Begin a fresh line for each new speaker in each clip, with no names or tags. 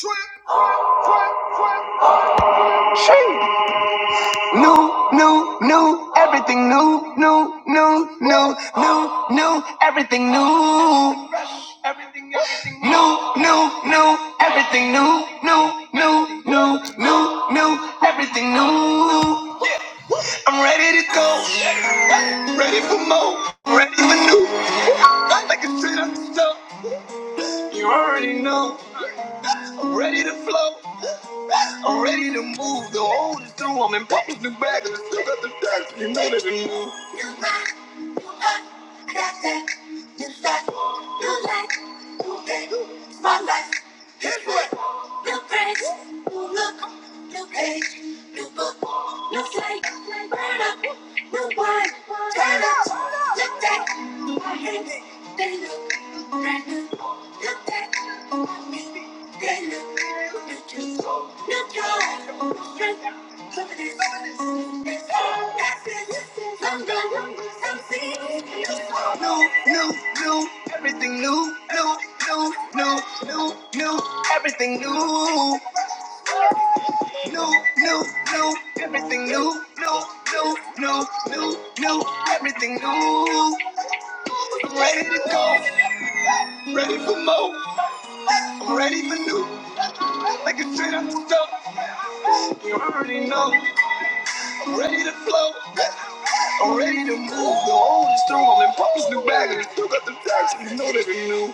New, new, new, everything new, new, new, new, new, new, everything new. New, new, new, everything new, new, new, new, new, new, everything new. I'm ready to go, ready for more, ready for new. i like a straight up stuff, you already know. I'm ready to flow, I'm ready to move. The old is through, I'm in public, new bag, and I still got the dust, you know that it's new. You rock, you rock, I got that, you that, you like, you think, it's my life. Here's what, new pranks, new look, new page, new book, new flake, burn up, new wine, turn up, look back, I hate it, they look, brand new, look back, I mean, they look, new juice, new joy, new strength, New, new, new, everything new, new, new, new, new, new, everything new, new, new, new, everything new, new, new, new, new, new, everything new. I'm ready to go, I'm ready for more, I'm ready for new, like a straight on the stove. You already know. ready to flow. I'm ready to move. The old is through. I'm in Papa's new bag. And I still got the facts, and You know that we knew.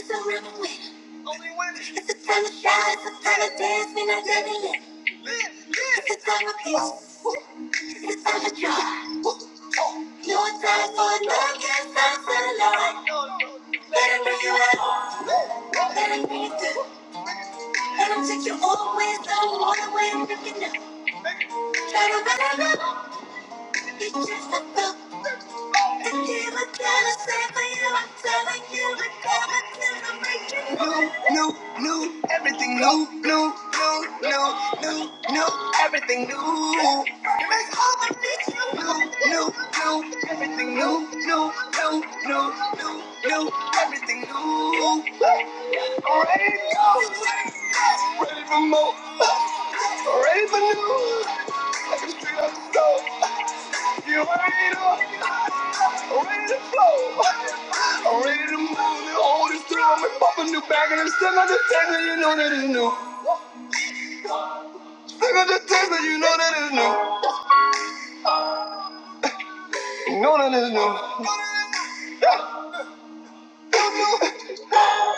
It's a real win. Only win. It's the time to shine. It's the time to dance. We're not done yet. It's the time of peace. It's the time of joy. No time for love. Can't stop for the Lord. Let it bring you out. Let it bring you through. Let him take you all the way All the way I'm looking up. Try to run it up. New, new, everything new, new, new, new, new, new, everything new. It makes all my things new, new, new, everything new, new, new, new, new, new, everything new. Ready to go, ready for more, ready for new. Like a street on the stove. You ready to, I'm ready to flow? I'm ready to move the old is through. I'm gonna pop a new bag and I'm still on the table. You know that it's new. Still on the table. You know that it's new. You know that it's new.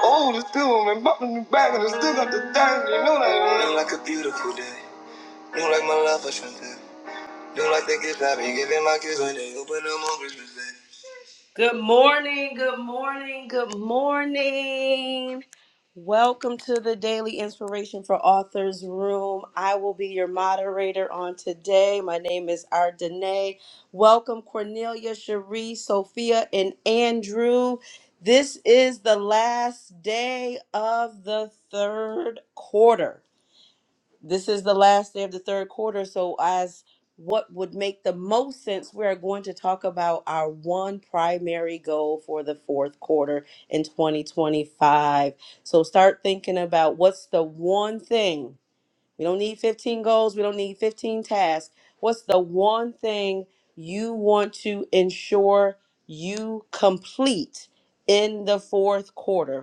Old is through. I'm gonna pop a new bag and I'm still on the table. You know that it's new. Look like a beautiful day. Look like my love for something. Look like the gift I've giving my kids when they open them on Christmas Day. Good morning, good morning, good morning. Welcome to the Daily Inspiration for Authors Room. I will be your moderator on today. My name is Ardene. Welcome Cornelia, Cherie, Sophia, and Andrew. This is the last day of the third quarter this is the last day of the third quarter so as what would make the most sense we are going to talk about our one primary goal for the fourth quarter in 2025 so start thinking about what's the one thing we don't need 15 goals we don't need 15 tasks what's the one thing you want to ensure you complete in the fourth quarter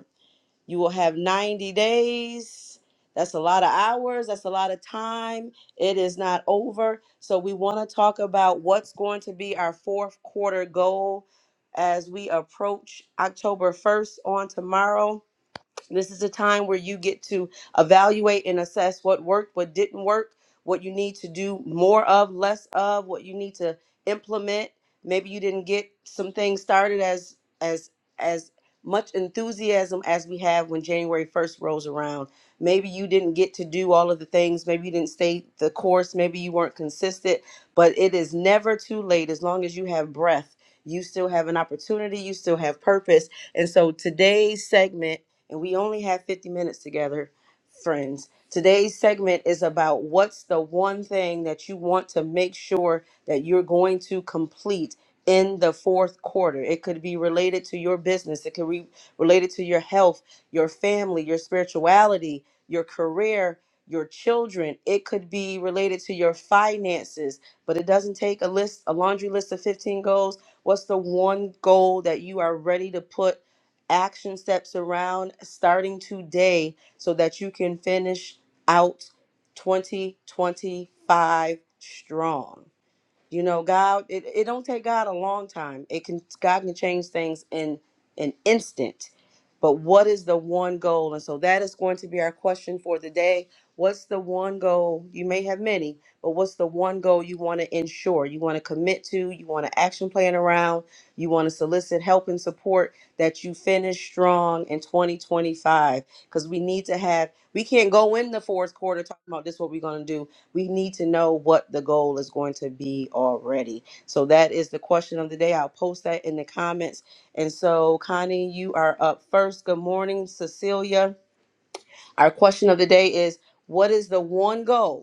you will have 90 days. That's a lot of hours. That's a lot of time. It is not over. So, we want to talk about what's going to be our fourth quarter goal as we approach October 1st on tomorrow. This is a time where you get to evaluate and assess what worked, what didn't work, what you need to do more of, less of, what you need to implement. Maybe you didn't get some things started as as as much enthusiasm as we have when January 1st rolls around. Maybe you didn't get to do all of the things, maybe you didn't stay the course, maybe you weren't consistent, but it is never too late as long as you have breath. You still have an opportunity, you still have purpose. And so today's segment and we only have 50 minutes together, friends. Today's segment is about what's the one thing that you want to make sure that you're going to complete in the fourth quarter. It could be related to your business, it could be related to your health, your family, your spirituality, your career, your children. It could be related to your finances, but it doesn't take a list, a laundry list of 15 goals. What's the one goal that you are ready to put? action steps around starting today so that you can finish out 2025 strong. You know, God, it, it don't take God a long time. It can God can change things in an instant. But what is the one goal? And so that is going to be our question for the day. What's the one goal? You may have many, but what's the one goal you want to ensure? You want to commit to, you want to action plan around, you want to solicit help and support that you finish strong in 2025. Because we need to have, we can't go in the fourth quarter talking about this is what we're going to do we need to know what the goal is going to be already. So that is the question of the day. I'll post that in the comments. And so, Connie, you are up first. Good morning, Cecilia. Our question of the day is What is the one goal?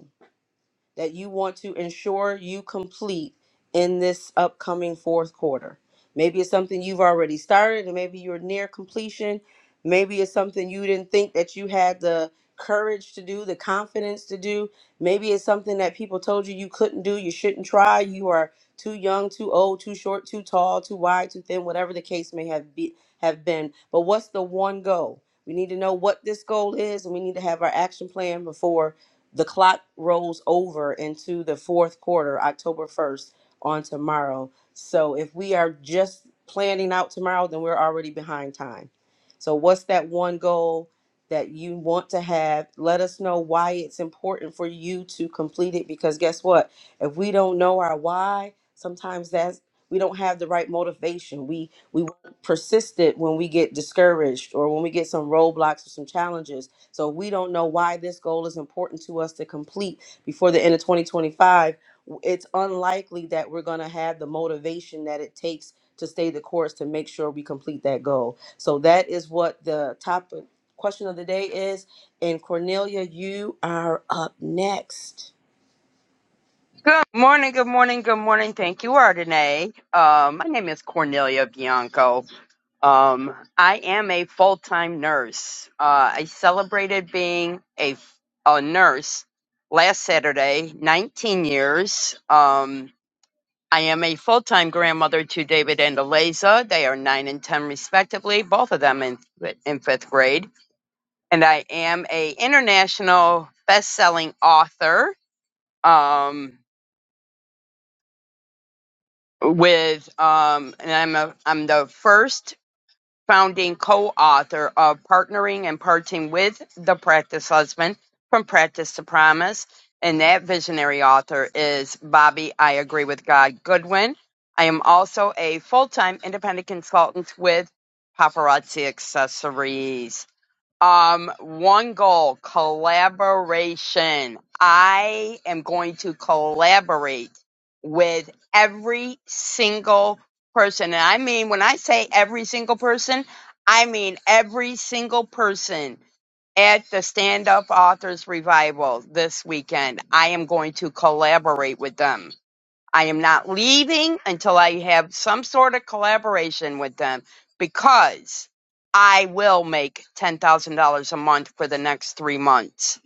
that you want to ensure you complete in this upcoming fourth quarter. Maybe it's something you've already started, and maybe you're near completion. Maybe it's something you didn't think that you had the courage to do, the confidence to do. Maybe it's something that people told you you couldn't do, you shouldn't try, you are too young, too old, too short, too tall, too wide, too thin, whatever the case may have be, have been. But what's the one goal? We need to know what this goal is, and we need to have our action plan before the clock rolls over into the fourth quarter, October 1st, on tomorrow. So if we are just planning out tomorrow, then we're already behind time. So, what's that one goal that you want to have? Let us know why it's important for you to complete it because guess what? If we don't know our why, sometimes that's we don't have the right motivation. We we persistent when we get discouraged or when we get some roadblocks or some challenges so we don't know why this goal is important to us to complete before the end of 2025. It's unlikely that we're going to have the motivation that it takes to stay the course to make sure we complete that goal. So that is what the top question of the day is. And Cornelia, you are up next.
Good morning, good morning, good morning. Thank you, Ardenae. Um, my name is Cornelia Bianco. Um, I am a full-time nurse. Uh, I celebrated being a, a nurse last Saturday, 19 years. Um, I am a full-time grandmother to David and Eliza. They are 9 and 10 respectively, both of them in, in fifth grade. And I am a international best-selling author. Um, with um and I'm a, I'm the first founding co-author of Partnering and Parting with the Practice Husband from Practice to Promise and that visionary author is Bobby I agree with God Goodwin. I am also a full-time independent consultant with Paparazzi Accessories. Um, one goal, collaboration. I am going to collaborate with every single person. And I mean, when I say every single person, I mean every single person at the Stand Up Authors Revival this weekend. I am going to collaborate with them. I am not leaving until I have some sort of collaboration with them because I will make $10,000 a month for the next three months.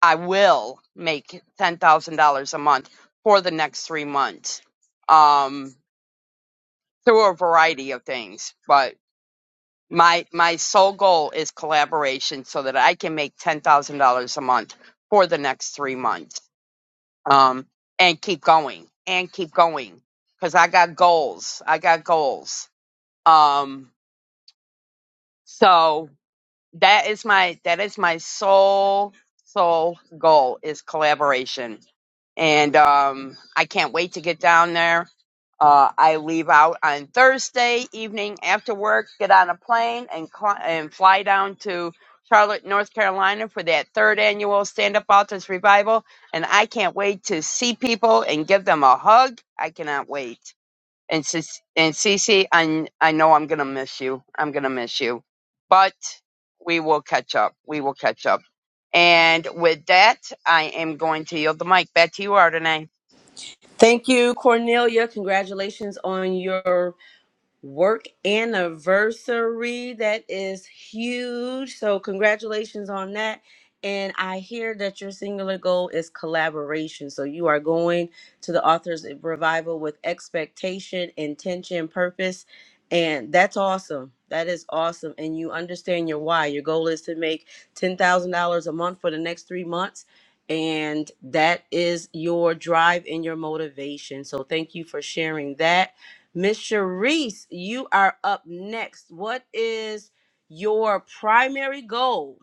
I will make $10,000 a month for the next three months um, through a variety of things. But my, my sole goal is collaboration so that I can make $10,000 a month for the next three months um, and keep going and keep going because I got goals. I got goals. Um, so that is my that is my sole sole goal is collaboration and um i can't wait to get down there uh i leave out on thursday evening after work get on a plane and cl- and fly down to charlotte north carolina for that third annual stand up authors revival and i can't wait to see people and give them a hug i cannot wait and Cici, and Cece, I I know I'm gonna miss you. I'm gonna miss you, but we will catch up. We will catch up. And with that, I am going to yield the mic back to you, Ardenae.
Thank you, Cornelia. Congratulations on your work anniversary. That is huge. So, congratulations on that. And I hear that your singular goal is collaboration. So, you are going to the authors revival with expectation, intention, purpose. And that's awesome. That is awesome. And you understand your why. Your goal is to make $10,000 a month for the next three months. And that is your drive and your motivation. So, thank you for sharing that. Miss Sharice, you are up next. What is your primary goal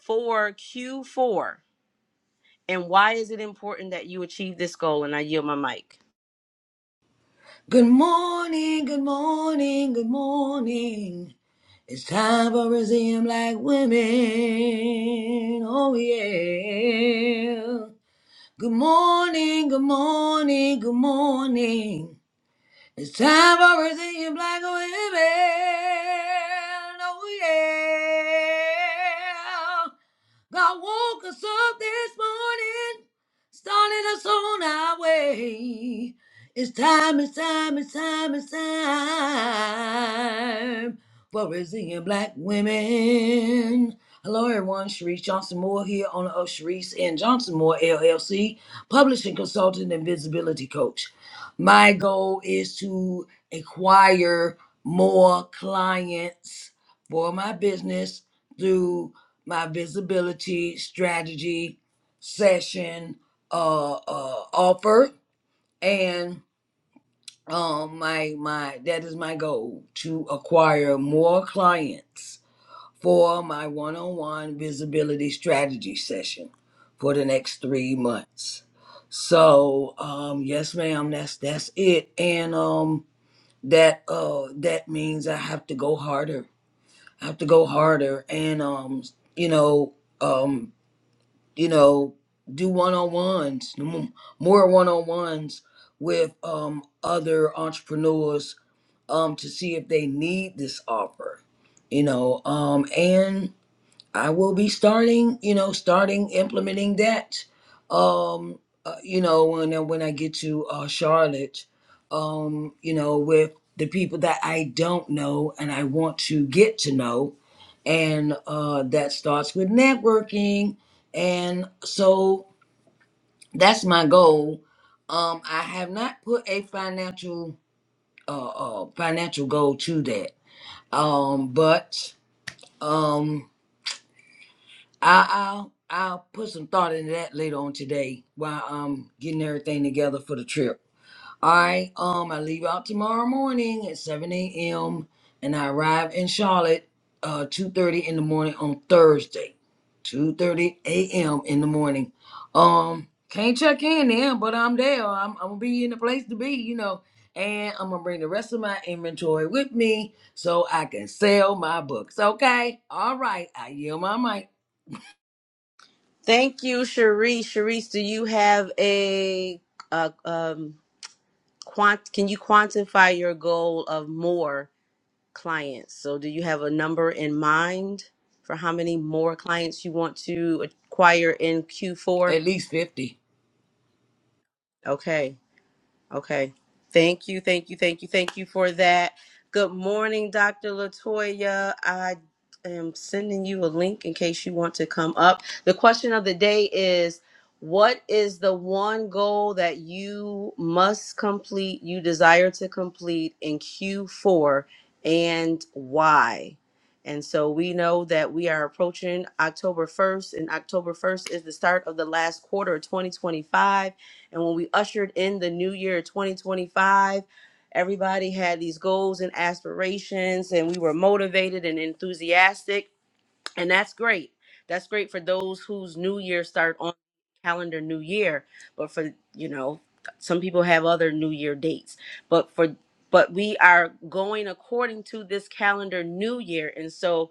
for Q4 and why is it important that you achieve this goal? And I yield my mic.
Good morning, good morning, good morning. It's time for Brazilian black women. Oh yeah. Good morning, good morning, good morning. It's time for Brazilian black women. Oh yeah. God woke us up this morning, started us on our way. It's time, it's time, it's time, it's time for Brazilian black women. Hello everyone, Sharice Johnson Moore here, owner of Sharice and Johnson Moore LLC, publishing consultant and visibility coach. My goal is to acquire more clients for my business through my visibility strategy session uh, uh, offer and um my my that is my goal to acquire more clients for my one on one visibility strategy session for the next three months. So, um, yes, ma'am, that's that's it. And um that uh that means I have to go harder. I have to go harder and um you know um you know do one on ones, more one on ones with um other entrepreneurs um to see if they need this offer. You know, um and I will be starting, you know, starting implementing that. Um, uh, you know, when I- when I get to uh, Charlotte, um, you know, with the people that I don't know and I want to get to know, and uh, that starts with networking, and so that's my goal. Um, I have not put a financial uh, uh, financial goal to that, um, but Um, I, I'll I'll put some thought into that later on today while I'm getting everything together for the trip. All right, um, I leave out tomorrow morning at 7 a.m. and I arrive in Charlotte uh 2:30 in the morning on Thursday, 2:30 a.m. in the morning. Um, can't check in there, but I'm there. I'm, I'm gonna be in the place to be, you know. And I'm gonna bring the rest of my inventory with me so I can sell my books. Okay, all right. I yield my mic.
Thank you, Sharice. Sharice, do you have a, uh, um, quant- can you quantify your goal of more clients? So do you have a number in mind for how many more clients you want to acquire in Q4?
At least 50.
Okay. Okay. Thank you, thank you, thank you, thank you for that. Good morning, Dr. Latoya. I am sending you a link in case you want to come up. The question of the day is What is the one goal that you must complete, you desire to complete in Q4, and why? And so we know that we are approaching October 1st, and October 1st is the start of the last quarter of 2025 and when we ushered in the new year 2025, everybody had these goals and aspirations, and we were motivated and enthusiastic. And that's great. That's great for those whose new year start on calendar new year. But for, you know, some people have other new year dates. But for but we are going according to this calendar new year. And so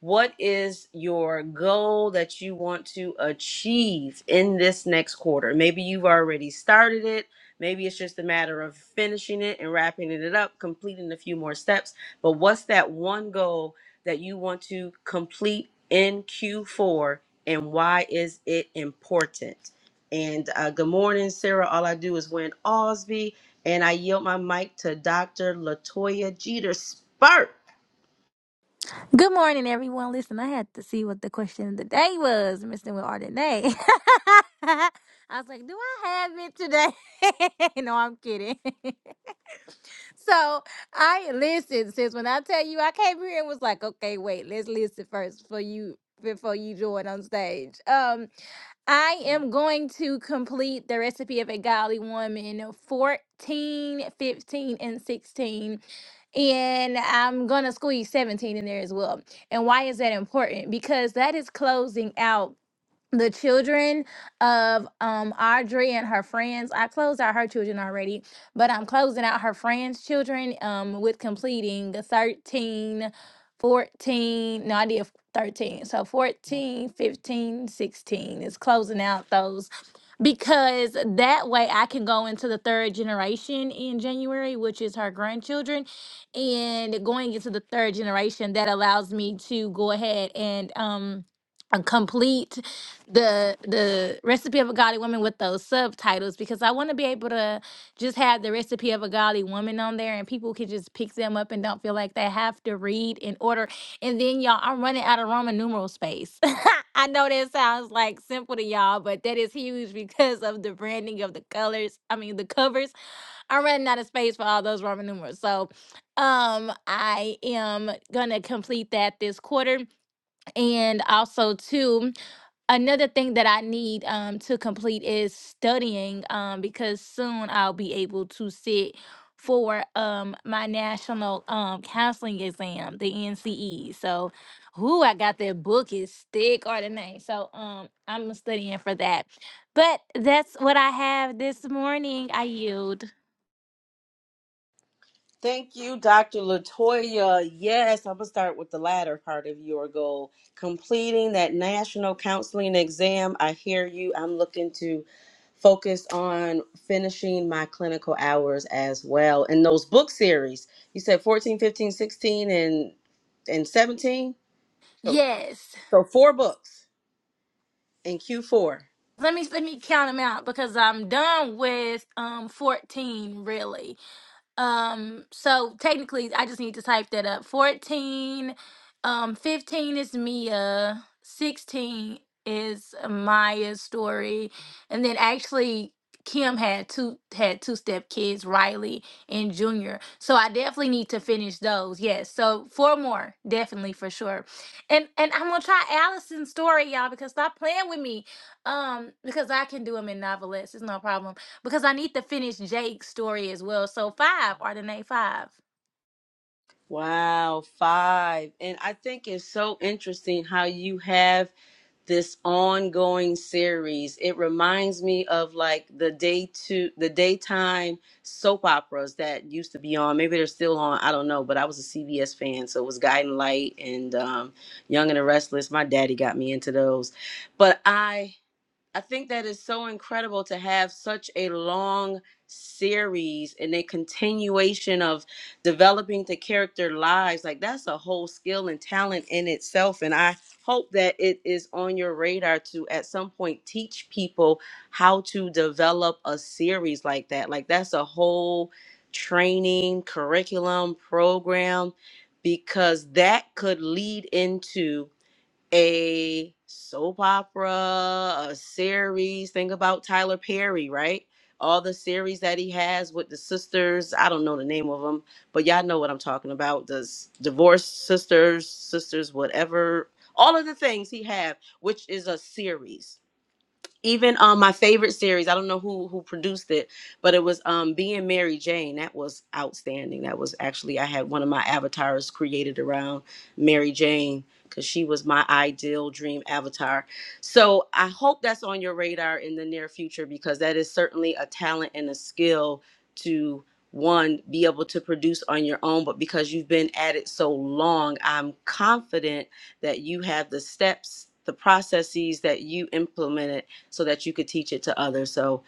what is your goal that you want to achieve in this next quarter? Maybe you've already started it. Maybe it's just a matter of finishing it and wrapping it up, completing a few more steps. But what's that one goal that you want to complete in Q4 and why is it important? And uh, good morning, Sarah. All I do is win Osby. And I yield my mic to Dr. Latoya Jeter Sparks.
Good morning, everyone. Listen, I had to see what the question of the day was, Mr. Will Ardenay. I was like, do I have it today? no, I'm kidding. So I listen, sis. When I tell you I came here and was like, okay, wait, let's listen first before you before you join on stage. Um, I am going to complete the recipe of a godly woman 14, 15, and 16. And I'm going to squeeze 17 in there as well. And why is that important? Because that is closing out the children of um Audrey and her friends. I closed out her children already, but I'm closing out her friends' children um with completing 13, 14. No, I did 13. So 14, 15, sixteen is closing out those because that way I can go into the third generation in January, which is her grandchildren. And going into the third generation, that allows me to go ahead and um uh, complete the the recipe of a godly woman with those subtitles because I want to be able to just have the recipe of a godly woman on there and people can just pick them up and don't feel like they have to read in order. And then y'all, I'm running out of Roman numeral space. I know that sounds like simple to y'all, but that is huge because of the branding of the colors. I mean the covers. I'm running out of space for all those Roman numerals. So um I am gonna complete that this quarter and also too another thing that I need um to complete is studying um because soon I'll be able to sit for um my national um counseling exam, the NCE. So who I got that book is thick or the name. So um I'm studying for that. But that's what I have this morning. I yield.
Thank you, Dr. Latoya. Yes, I'm gonna start with the latter part of your goal. Completing that national counseling exam. I hear you. I'm looking to focus on finishing my clinical hours as well. And those book series, you said 14, 15, 16, and and 17.
Yes.
So four books in Q4.
Let me let me count them out because I'm done with um 14 really. Um, so technically I just need to type that up. 14, um, 15 is Mia, 16 is Maya's story, and then actually Kim had two had two step kids, Riley and Junior. So I definitely need to finish those. Yes. So four more, definitely for sure. And and I'm gonna try Allison's story, y'all, because stop playing with me. Um, because I can do them in novelettes. It's no problem because I need to finish Jake's story as well. So five, Ardenae, five.
Wow, five. And I think it's so interesting how you have this ongoing series. It reminds me of like the day two, the daytime soap operas that used to be on. Maybe they're still on. I don't know, but I was a CBS fan. So it was Guiding Light and um, Young and the Restless. My daddy got me into those. But I I think that is so incredible to have such a long series and a continuation of developing the character lives. Like that's a whole skill and talent in itself. And I hope that it is on your radar to at some point teach people how to develop a series like that. Like that's a whole training, curriculum, program, because that could lead into a soap opera, a series. Think about Tyler Perry, right? All the series that he has with the sisters. I don't know the name of them, but y'all know what I'm talking about. The s- divorced sisters, sisters, whatever. All of the things he have, which is a series even um my favorite series i don't know who who produced it but it was um being mary jane that was outstanding that was actually i had one of my avatars created around mary jane because she was my ideal dream avatar so i hope that's on your radar in the near future because that is certainly a talent and a skill to one be able to produce on your own but because you've been at it so long i'm confident that you have the steps the processes that you implemented so that you could teach it to others. So,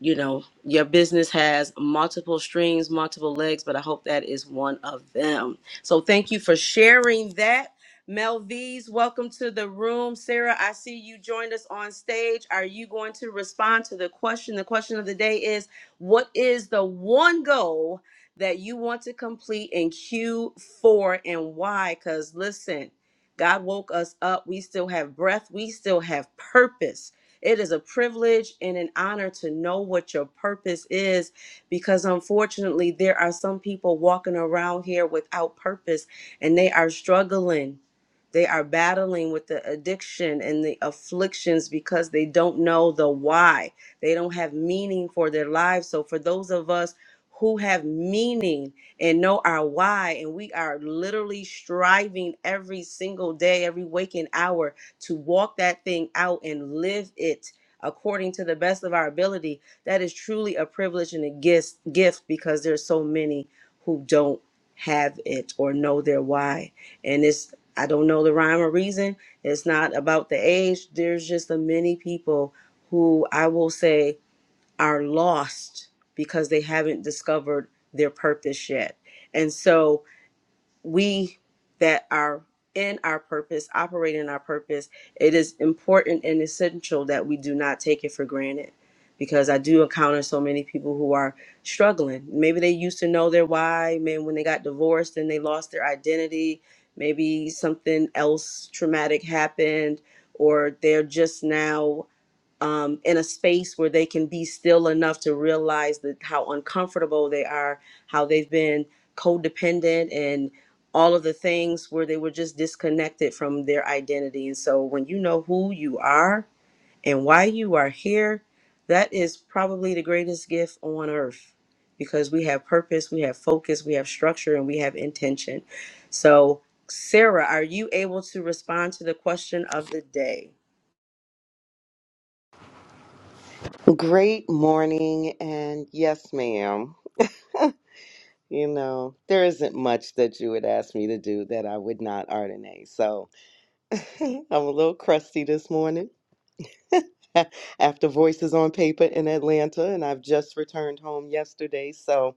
you know, your business has multiple strings, multiple legs, but I hope that is one of them. So, thank you for sharing that. Melvise, welcome to the room. Sarah, I see you joined us on stage. Are you going to respond to the question? The question of the day is What is the one goal that you want to complete in Q4 and why? Because listen, God woke us up. We still have breath, we still have purpose. It is a privilege and an honor to know what your purpose is because unfortunately, there are some people walking around here without purpose and they are struggling. They are battling with the addiction and the afflictions because they don't know the why. They don't have meaning for their lives. So, for those of us who have meaning and know our why, and we are literally striving every single day, every waking hour to walk that thing out and live it according to the best of our ability that is truly a privilege and a gift gift because there's so many who don't have it or know their why and it's i don't know the rhyme or reason it's not about the age there's just the many people who i will say are lost because they haven't discovered their purpose yet and so we that are in our purpose, operate in our purpose, it is important and essential that we do not take it for granted. Because I do encounter so many people who are struggling. Maybe they used to know their why. Maybe when they got divorced and they lost their identity, maybe something else traumatic happened, or they're just now um, in a space where they can be still enough to realize that how uncomfortable they are, how they've been codependent and all of the things where they were just disconnected from their identity. And so when you know who you are and why you are here, that is probably the greatest gift on earth because we have purpose, we have focus, we have structure, and we have intention. So, Sarah, are you able to respond to the question of the day?
Great morning, and yes, ma'am. You know, there isn't much that you would ask me to do that I would not ordinate. So I'm a little crusty this morning after Voices on Paper in Atlanta, and I've just returned home yesterday. So,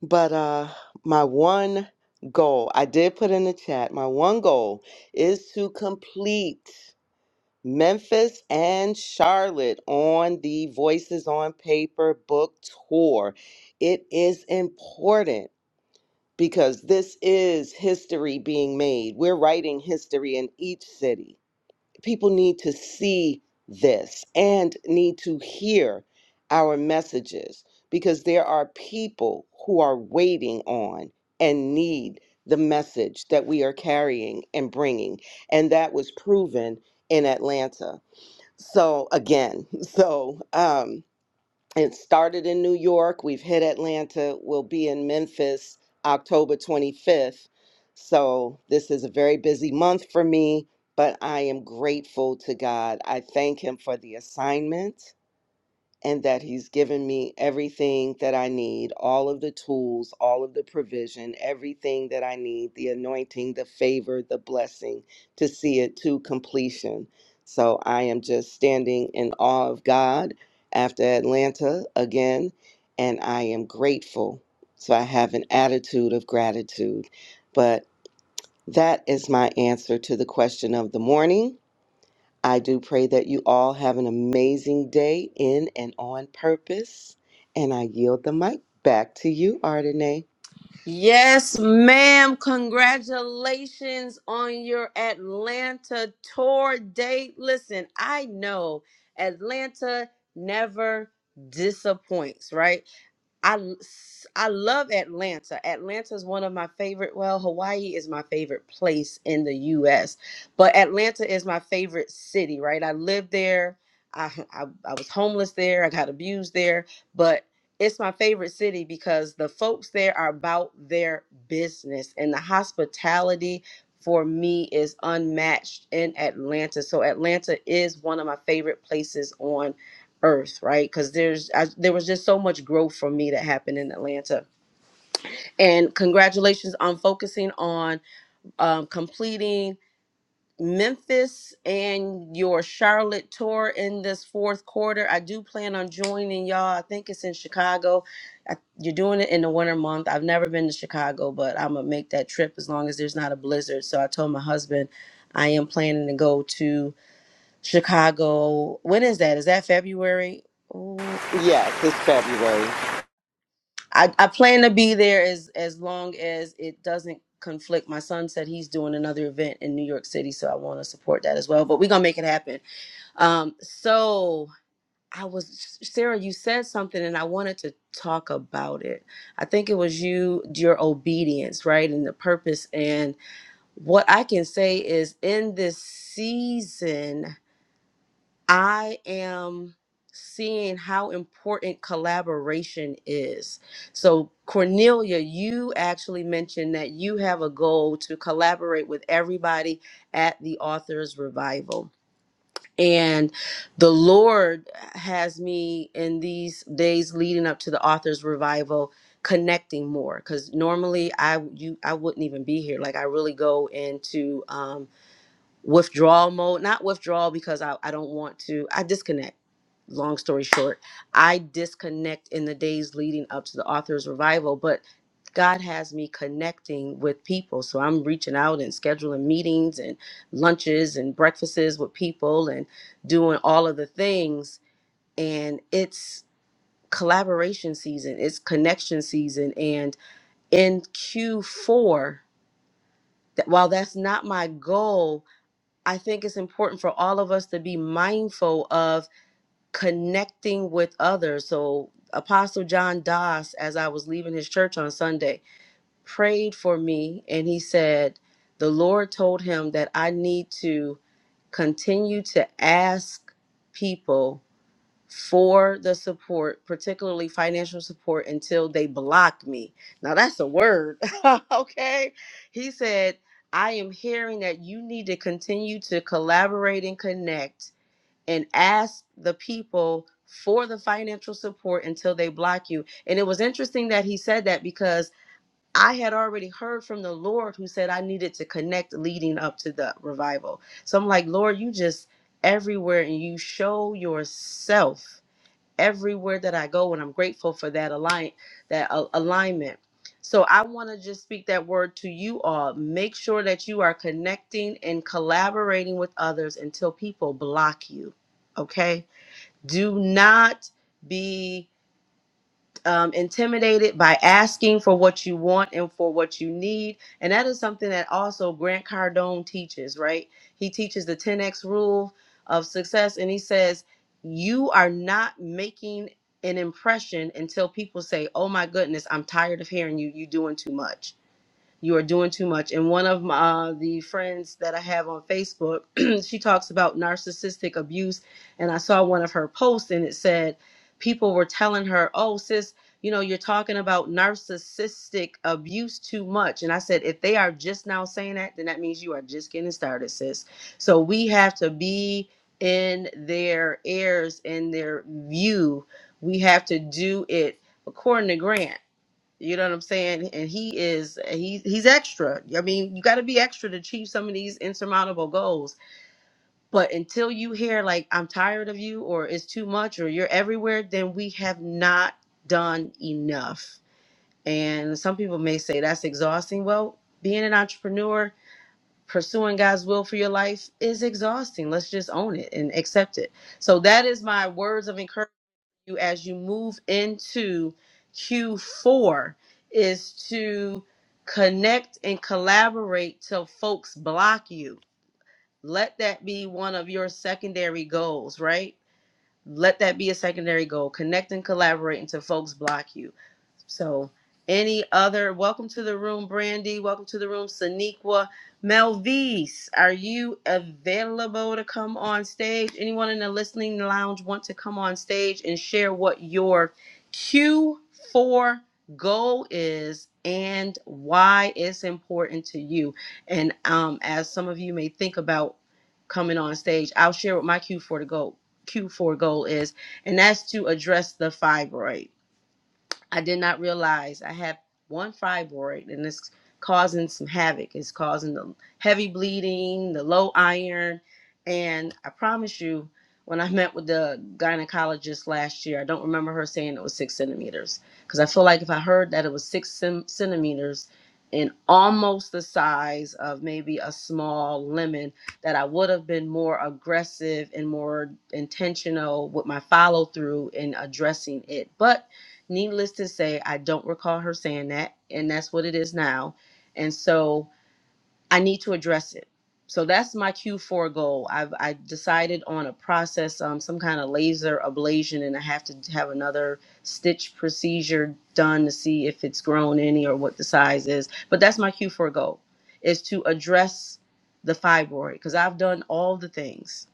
but uh, my one goal, I did put in the chat, my one goal is to complete. Memphis and Charlotte on the Voices on Paper book tour. It is important because this is history being made. We're writing history in each city. People need to see this and need to hear our messages because there are people who are waiting on and need the message that we are carrying and bringing. And that was proven in Atlanta so again so um it started in new york we've hit atlanta we'll be in memphis october 25th so this is a very busy month for me but i am grateful to god i thank him for the assignment and that He's given me everything that I need all of the tools, all of the provision, everything that I need the anointing, the favor, the blessing to see it to completion. So I am just standing in awe of God after Atlanta again, and I am grateful. So I have an attitude of gratitude. But that is my answer to the question of the morning. I do pray that you all have an amazing day in and on purpose. And I yield the mic back to you, Ardenae.
Yes, ma'am. Congratulations on your Atlanta tour date. Listen, I know Atlanta never disappoints, right? I l- s- I love Atlanta. Atlanta is one of my favorite. Well, Hawaii is my favorite place in the U.S., but Atlanta is my favorite city. Right? I lived there. I I, I was homeless there. I got abused there, but it's my favorite city because the folks there are about their business and the hospitality for me is unmatched in Atlanta. So Atlanta is one of my favorite places on earth right because there's I, there was just so much growth for me that happened in atlanta and congratulations on focusing on um, completing memphis and your charlotte tour in this fourth quarter i do plan on joining y'all i think it's in chicago I, you're doing it in the winter month i've never been to chicago but i'm gonna make that trip as long as there's not a blizzard so i told my husband i am planning to go to chicago when is that is that february Ooh,
Yes, it's February.
I, I plan to be there as as long as it doesn't conflict. My son said he's doing another event in New York City, so I want to support that as well. But we're gonna make it happen. Um, so I was Sarah, you said something, and I wanted to talk about it. I think it was you, your obedience, right, and the purpose. And what I can say is, in this season, I am seeing how important collaboration is. So, Cornelia, you actually mentioned that you have a goal to collaborate with everybody at the Authors Revival. And the Lord has me in these days leading up to the Authors Revival connecting more because normally I you I wouldn't even be here. Like I really go into um withdrawal mode not withdrawal because I, I don't want to i disconnect long story short i disconnect in the days leading up to the author's revival but god has me connecting with people so i'm reaching out and scheduling meetings and lunches and breakfasts with people and doing all of the things and it's collaboration season it's connection season and in q4 that while that's not my goal I think it's important for all of us to be mindful of connecting with others. So, Apostle John Doss, as I was leaving his church on Sunday, prayed for me and he said, The Lord told him that I need to continue to ask people for the support, particularly financial support, until they block me. Now that's a word. okay. He said, I am hearing that you need to continue to collaborate and connect and ask the people for the financial support until they block you. And it was interesting that he said that because I had already heard from the Lord who said I needed to connect leading up to the revival. So I'm like, Lord, you just everywhere and you show yourself everywhere that I go, and I'm grateful for that align that a- alignment. So I want to just speak that word to you all. Make sure that you are connecting and collaborating with others until people block you. Okay? Do not be um, intimidated by asking for what you want and for what you need. And that is something that also Grant Cardone teaches, right? He teaches the 10X rule of success. And he says, You are not making an impression until people say, Oh my goodness, I'm tired of hearing you. You're doing too much you are doing too much. And one of my, uh, the friends that I have on Facebook, she talks about narcissistic abuse. And I saw one of her posts and it said people were telling her, oh, sis, you know, you're talking about narcissistic abuse too much. And I said, if they are just now saying that, then that means you are just getting started, sis. So we have to be in their ears, in their view. We have to do it according to Grant. You know what I'm saying? And he is he he's extra. I mean, you got to be extra to achieve some of these insurmountable goals. But until you hear like I'm tired of you or it's too much or you're everywhere, then we have not done enough. And some people may say that's exhausting. Well, being an entrepreneur, pursuing God's will for your life is exhausting. Let's just own it and accept it. So that is my words of encouragement you as you move into Q4 is to connect and collaborate till folks block you. Let that be one of your secondary goals, right? Let that be a secondary goal. Connect and collaborate until folks block you so, any other? Welcome to the room, Brandy. Welcome to the room, Saniqua. Melvise, are you available to come on stage? Anyone in the listening lounge want to come on stage and share what your Q4 goal is and why it's important to you? And um, as some of you may think about coming on stage, I'll share what my Q4 to goal Q4 goal is, and that's to address the fibroids. I did not realize I have one fibroid and it's causing some havoc. It's causing the heavy bleeding, the low iron. And I promise you, when I met with the gynecologist last year, I don't remember her saying it was six centimeters. Because I feel like if I heard that it was six cen- centimeters and almost the size of maybe a small lemon, that I would have been more aggressive and more intentional with my follow through in addressing it. But Needless to say, I don't recall her saying that, and that's what it is now. And so I need to address it. So that's my Q4 goal. I've I decided on a process, um, some kind of laser ablation, and I have to have another stitch procedure done to see if it's grown any or what the size is. But that's my Q4 goal, is to address the fibroid because I've done all the things.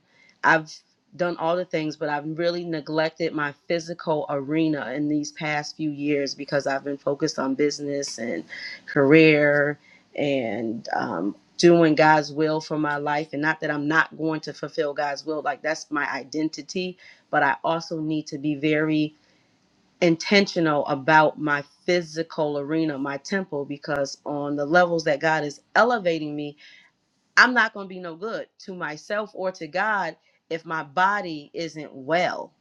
I've done all the things, but I've really neglected my physical arena in these past few years because I've been focused on business and career and um, doing God's will for my life. And not that I'm not going to fulfill God's will, like that's my identity, but I also need to be very intentional about my physical arena, my temple, because on the levels that God is elevating me, I'm not going to be no good to myself or to God if my body isn't well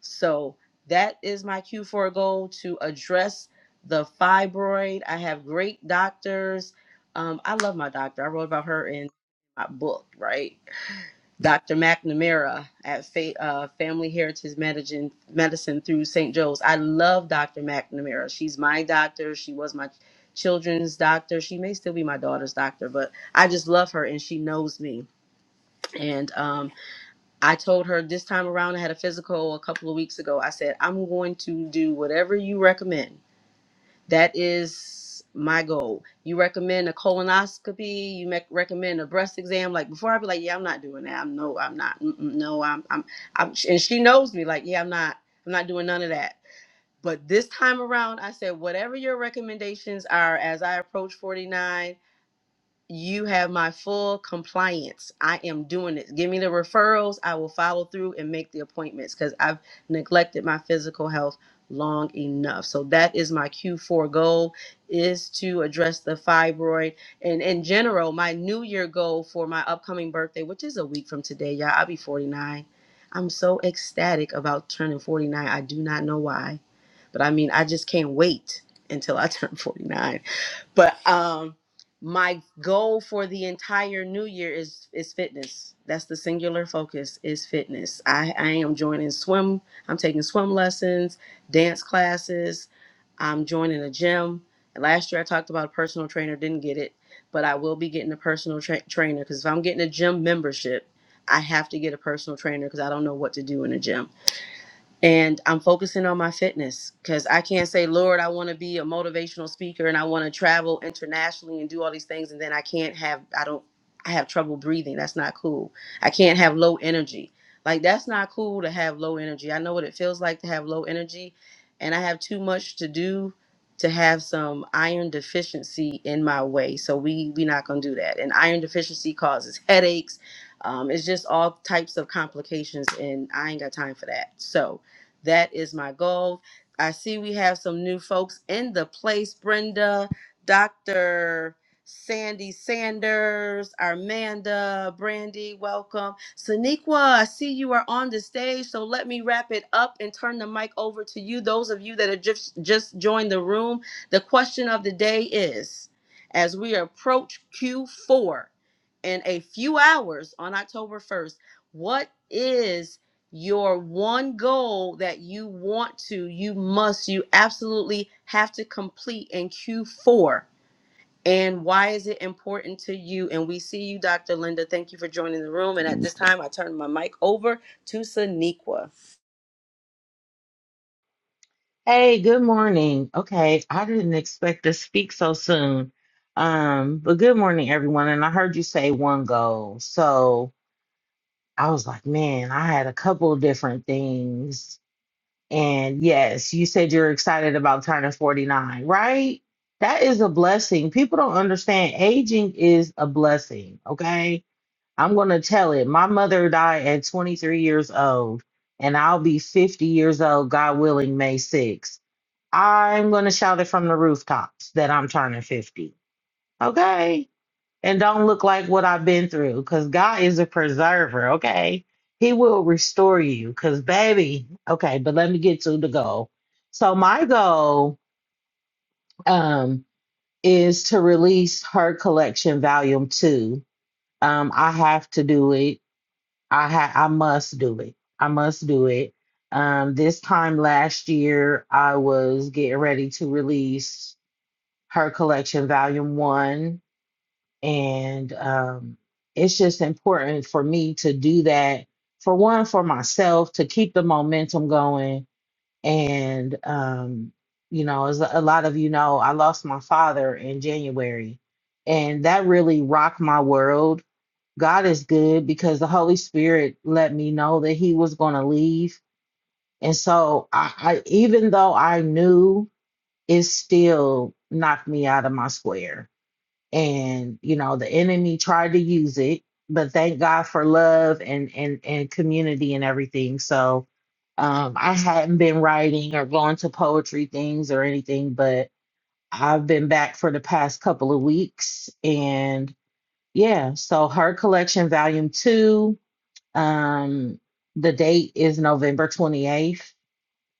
so that is my Q4 goal to address the fibroid. I have great doctors. Um, I love my doctor. I wrote about her in my book, right? Dr. McNamara at Fa- uh, Family Heritage Medicine, Medicine through St. Joe's. I love Dr. McNamara. She's my doctor. She was my children's doctor. She may still be my daughter's doctor, but I just love her and she knows me. And um, I told her this time around, I had a physical a couple of weeks ago. I said, I'm going to do whatever you recommend. That is my goal. You recommend a colonoscopy, you mec recommend a breast exam. Like before, I'd be like, yeah, I'm not doing that. I'm no, I'm not. Mm-mm, no, I'm, I'm, I'm, and she knows me like, yeah, I'm not, I'm not doing none of that. But this time around, I said, whatever your recommendations are as I approach 49, you have my full compliance. I am doing it. Give me the referrals. I will follow through and make the appointments because I've neglected my physical health long enough. So that is my Q4 goal is to address the fibroid. And in general, my new year goal for my upcoming birthday, which is a week from today, y'all, I'll be 49. I'm so ecstatic about turning 49. I do not know why, but I mean, I just can't wait until I turn 49. but um my goal for the entire new year is is fitness that's the singular focus is fitness i i am joining swim i'm taking swim lessons dance classes i'm joining a gym last year i talked about a personal trainer didn't get it but i will be getting a personal tra- trainer because if i'm getting a gym membership i have to get a personal trainer because i don't know what to do in a gym and I'm focusing on my fitness because I can't say, Lord, I want to be a motivational speaker and I want to travel internationally and do all these things, and then I can't have, I don't, I have trouble breathing. That's not cool. I can't have low energy. Like, that's not cool to have low energy. I know what it feels like to have low energy, and I have too much to do to have some iron deficiency in my way. So we we not gonna do that. And iron deficiency causes headaches. Um, it's just all types of complications, and I ain't got time for that. So that is my goal. I see we have some new folks in the place. Brenda, Dr. Sandy Sanders, Armanda, Brandy, welcome. Saniqua, I see you are on the stage, so let me wrap it up and turn the mic over to you. Those of you that have just, just joined the room, the question of the day is as we approach Q4 in a few hours on October 1st, what is your one goal that you want to, you must, you absolutely have to complete in Q4. And why is it important to you? And we see you, Dr. Linda. Thank you for joining the room. And at this time, I turn my mic over to Saniqua.
Hey, good morning. Okay, I didn't expect to speak so soon. Um, but good morning, everyone. And I heard you say one goal. So I was like, man, I had a couple of different things. And yes, you said you're excited about turning 49, right? That is a blessing. People don't understand aging is a blessing. Okay. I'm going to tell it. My mother died at 23 years old, and I'll be 50 years old, God willing, May 6th I'm going to shout it from the rooftops that I'm turning 50. Okay. And don't look like what I've been through because God is a preserver. Okay. He will restore you because, baby, okay, but let me get to the goal. So, my goal um, is to release her collection volume two. Um, I have to do it. I ha- I must do it. I must do it. Um, this time last year, I was getting ready to release. her collection, volume one. And um, it's just important for me to do that for one, for myself, to keep the momentum going. And, um, you know, as a lot of you know, I lost my father in January, and that really rocked my world. God is good because the Holy Spirit let me know that He was going to leave. And so, I, I even though I knew, it still knocked me out of my square and you know the enemy tried to use it but thank god for love and and and community and everything so um i hadn't been writing or going to poetry things or anything but i've been back for the past couple of weeks and yeah so her collection volume two um the date is november 28th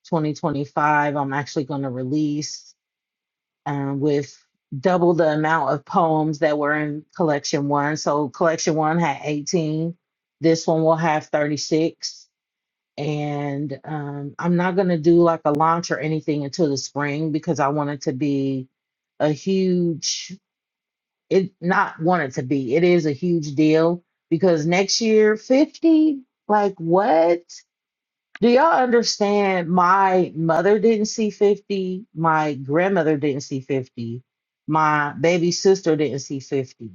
2025 i'm actually going to release um, with double the amount of poems that were in collection one. So collection one had 18. This one will have 36. And um, I'm not going to do like a launch or anything until the spring because I want it to be a huge, it not want it to be, it is a huge deal because next year, 50, like what? Do y'all understand? My mother didn't see 50. My grandmother didn't see 50. My baby sister didn't see 50.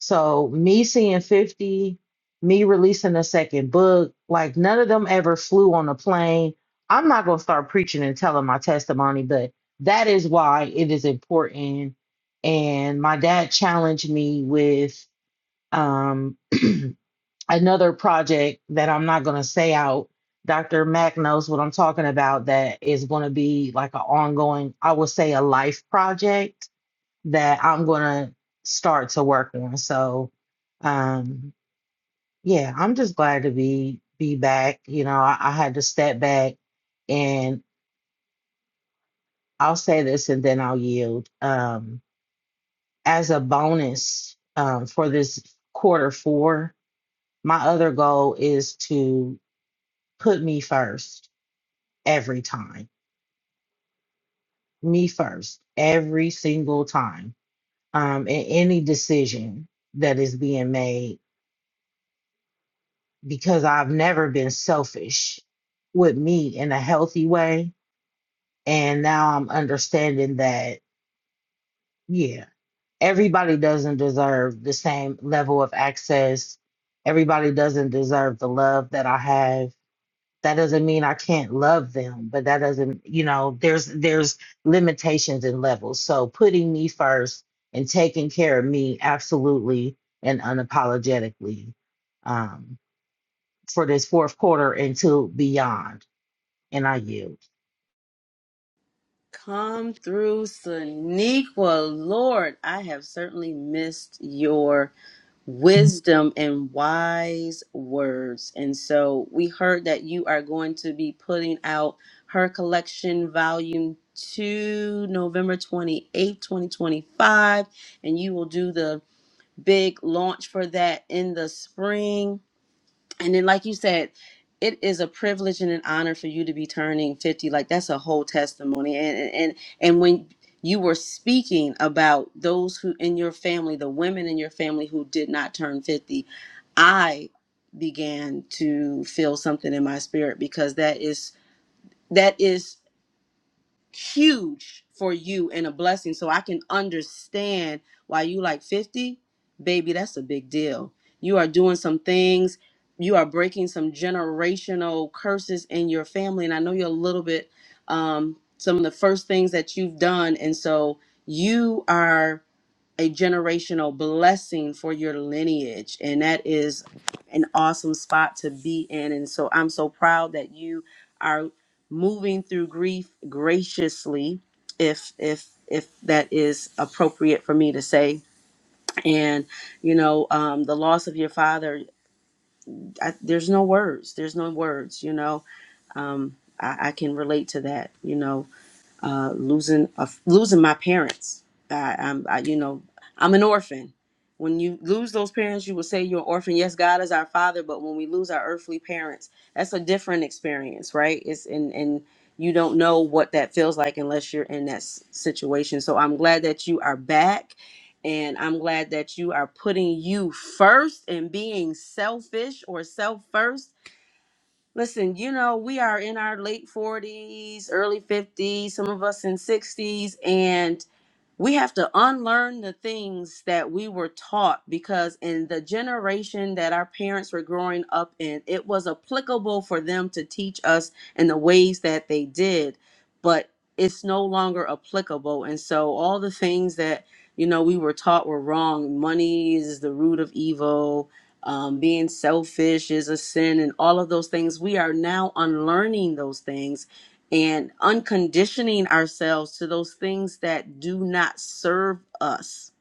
So, me seeing 50, me releasing a second book, like none of them ever flew on a plane. I'm not going to start preaching and telling my testimony, but that is why it is important. And my dad challenged me with um, another project that I'm not going to say out. Dr. Mack knows what I'm talking about that is going to be like an ongoing, I would say a life project that I'm going to start to work on. So, um, yeah, I'm just glad to be, be back. You know, I, I had to step back and I'll say this and then I'll yield. Um, as a bonus, um, for this quarter four, my other goal is to put me first every time. Me first, every single time. Um, in any decision that is being made, because I've never been selfish with me in a healthy way. And now I'm understanding that, yeah, everybody doesn't deserve the same level of access. Everybody doesn't deserve the love that I have that doesn't mean I can't love them, but that doesn't, you know, there's there's limitations and levels. So putting me first and taking care of me absolutely and unapologetically um, for this fourth quarter and to beyond. And I yield.
Come through, Saniqua. Lord, I have certainly missed your wisdom and wise words. And so we heard that you are going to be putting out her collection volume 2 November 28th, 2025 and you will do the big launch for that in the spring and then, like you said, it is a privilege and an honor for you to be turning 50. Like that's a whole testimony. And and and and when you were speaking about those who in your family, the women in your family who did not turn 50, I began to feel something in my spirit because that is that is huge for you and a blessing. So I can understand why you like 50, baby, that's a big deal. You are doing some things, you are breaking some generational curses in your family. And I know you're a little bit um some of the first things that you've done. And so you are a generational blessing for your lineage. And that is an awesome spot to be in. And so I'm so proud that you are moving through grief graciously, if if if that is appropriate for me to say. And you know, um, the loss of your father, I, there's no words. There's no words. You know, um, I, I can relate to that. You know, uh, losing a, losing my parents. I, I'm, I, you know, I'm an orphan. When you lose those parents, you will say you're an orphan. Yes, God is our father, but when we lose our earthly parents, that's a different experience, right? It's and and you don't know what that feels like unless you're in that s- situation. So I'm glad that you are back, and I'm glad that you are putting you first and being selfish or self first Listen, you know, we are in our late 40s, early 50s, some of us in 60s, and we have to unlearn the things that we were taught because in the generation that our parents were growing up in it was applicable for them to teach us in the ways that they did but it's no longer applicable and so all the things that you know we were taught were wrong money is the root of evil um, being selfish is a sin and all of those things we are now unlearning those things and unconditioning ourselves to those things that do not serve us.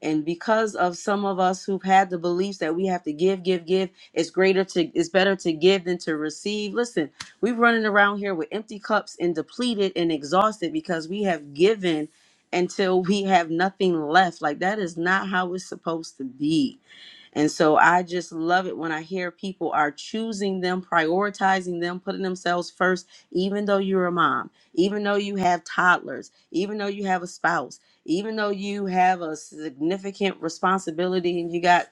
And because of some of us who've had the beliefs that we have to give, give, give, it's greater to, it's better to give than to receive. Listen, we're running around here with empty cups and depleted and exhausted because we have given until we have nothing left. Like that is not how it's supposed to be. And so I just love it when I hear people are choosing them, prioritizing them, putting themselves first, even though you're a mom, even though you have toddlers, even though you have a spouse, even though you have a significant responsibility and you got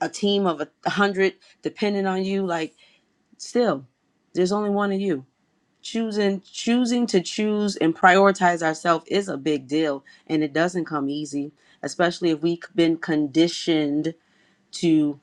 a team of a hundred depending on you, like still, there's only one of you. Choosing choosing to choose and prioritize ourselves is a big deal and it doesn't come easy, especially if we've been conditioned to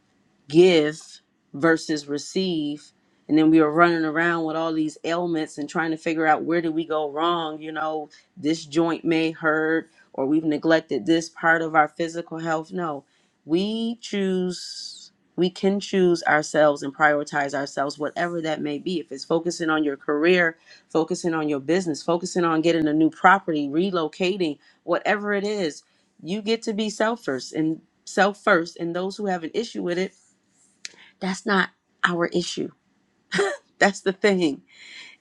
give versus receive and then we were running around with all these ailments and trying to figure out where did we go wrong you know this joint may hurt or we've neglected this part of our physical health no we choose we can choose ourselves and prioritize ourselves whatever that may be if it's focusing on your career focusing on your business focusing on getting a new property relocating whatever it is you get to be self first and self first and those who have an issue with it that's not our issue. That's the thing.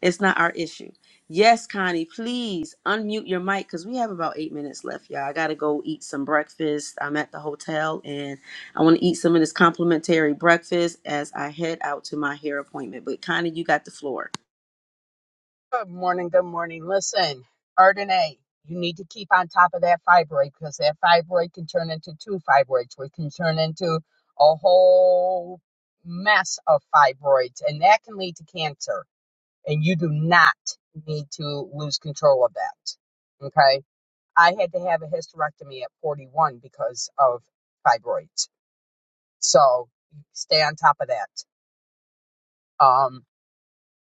It's not our issue. Yes, Connie, please unmute your mic because we have about eight minutes left, y'all. I got to go eat some breakfast. I'm at the hotel and I want to eat some of this complimentary breakfast as I head out to my hair appointment. But, Connie, you got the floor.
Good morning, good morning. Listen, Ardenae, you need to keep on top of that fibroid because that fibroid can turn into two fibroids, which can turn into a whole mess of fibroids, and that can lead to cancer. And you do not need to lose control of that. Okay. I had to have a hysterectomy at 41 because of fibroids. So stay on top of that. Um,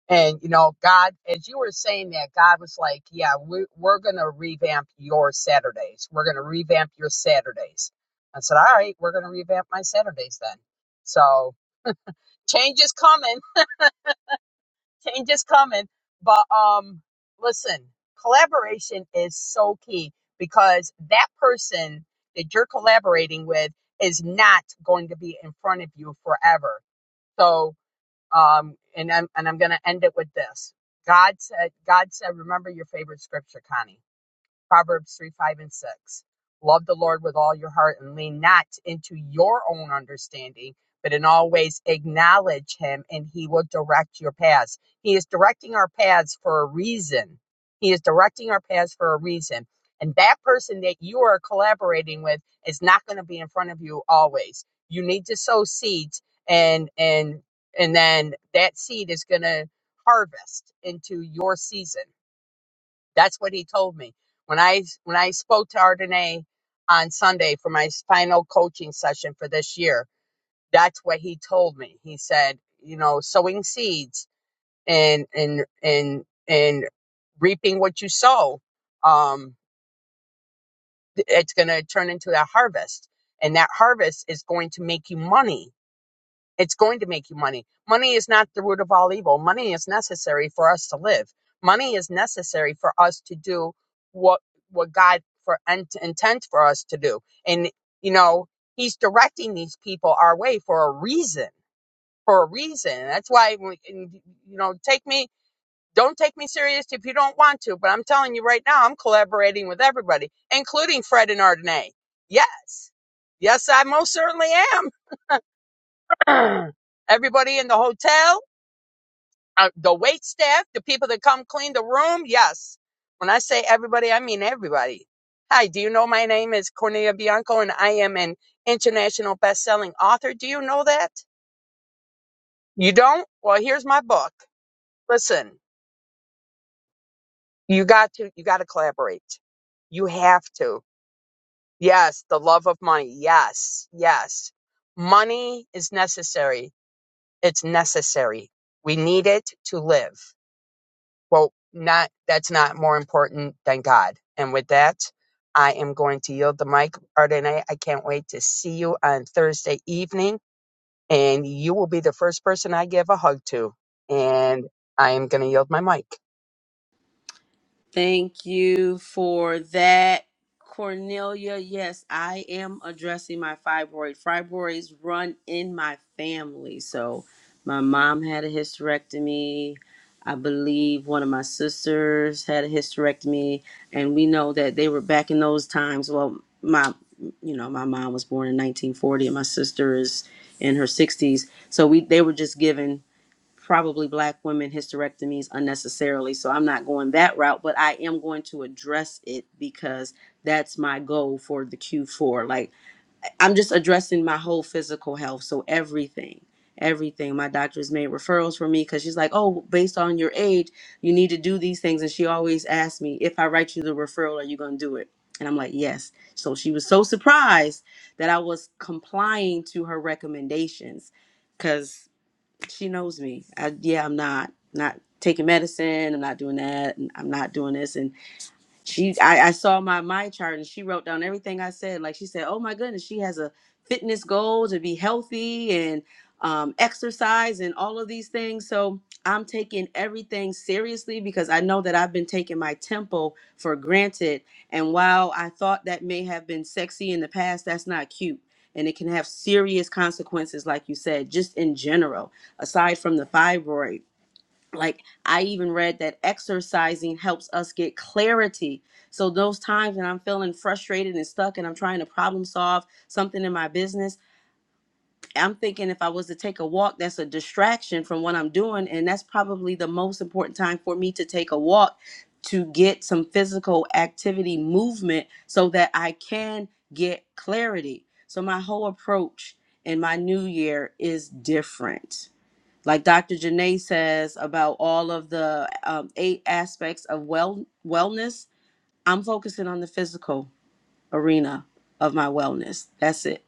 and you know, God, as you were saying that, God was like, "Yeah, we, we're going to revamp your Saturdays. We're going to revamp your Saturdays." I said, "All right, we're going to revamp my Saturdays then." So change is coming Change is coming. But um, listen, collaboration is so key because that person that you're collaborating with is not going to be in front of you forever. So um, and I'm and I'm gonna end it with this. God said, God said, remember your favorite scripture, Connie. Proverbs 3 5 and 6. Love the Lord with all your heart and lean not into your own understanding, but in all ways acknowledge him and he will direct your paths. He is directing our paths for a reason. He is directing our paths for a reason. And that person that you are collaborating with is not going to be in front of you always. You need to sow seeds and and and then that seed is going to harvest into your season that's what he told me. When I when I spoke to Ardenay on Sunday for my final coaching session for this year, that's what he told me. He said, you know, sowing seeds and and and and reaping what you sow, um, it's going to turn into that harvest, and that harvest is going to make you money it's going to make you money. Money is not the root of all evil. Money is necessary for us to live. Money is necessary for us to do what what God for int intent for us to do. And you know, He's directing these people our way for a reason. For a reason. That's why we- and, you know, take me. Don't take me serious if you don't want to, but I'm telling you right now, I'm collaborating with everybody, including Fred and Ardenay. Yes. Yes, I most certainly am. Everybody in the hotel, uh, the wait staff, the people that come clean the room. Yes. When I say everybody, I mean everybody. Hi, do you know my name is Cornelia Bianco and I am an international best-selling author? Do you know that? You don't? Well, here's my book. Listen, you got to you got to collaborate. You have to. Yes, the love of money. Yes. Yes. Money is necessary. It's necessary. We need it to live. well, not that's not more important than God. And with that, I am going to yield the mic. Ardenae, I can't wait to see you on Thursday evening, and you will be the first person I give a hug to. And I am going to yield my mic.
Thank you for that, Cornelia. Yes, I am addressing my fibroid. Fibroids run in my family. So, my mom had a hysterectomy. I believe one of my sisters had a hysterectomy, and we know that they were back in those times. Well, my, you know, my mom was born in 1940, and my sister is in her 60s. So we, they were just given probably black women hysterectomies unnecessarily. So I'm not going that route, but I am going to address it because that's my goal for the Q4. Like I'm just addressing my whole physical health. So everything, everything. My doctor's made referrals for me because she's like, oh, based on your age, you need to do these things. And she always asks me, if I write you the referral, are you going to do it? And I'm like, yes. So she was so surprised that I was complying to her recommendations because she knows me. I, yeah, I'm not not taking medicine. I'm not doing that. And I'm not doing this. And she, I, I saw my my chart and she wrote down everything I said. Like she said, oh my goodness, she has a fitness goal to be healthy and um, exercise and all of these things. So I'm taking everything seriously because I know that I've been taking my tempo for granted. And while I thought that may have been sexy in the past, that's not cute. And it can have serious consequences, like you said, just in general, aside from the fibroid like i even read that exercising helps us get clarity so those times when i'm feeling frustrated and stuck and i'm trying to problem solve something in my business i'm thinking if i was to take a walk that's a distraction from what i'm doing and that's probably the most important time for me to take a walk to get some physical activity movement so that i can get clarity so my whole approach in my new year is different like Dr. Janae says about all of the um, eight aspects of well wellness, I'm focusing on the physical arena of my wellness. That's it.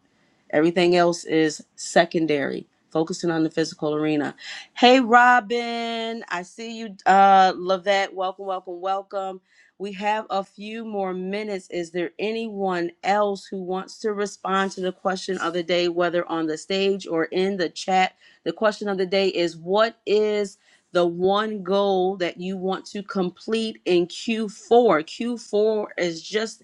Everything else is secondary, focusing on the physical arena. Hey, Robin, I see you. Uh, Lavette, welcome, welcome, welcome. We have a few more minutes. Is there anyone else who wants to respond to the question of the day, whether on the stage or in the chat? The question of the day is What is the one goal that you want to complete in Q4? Q4 is just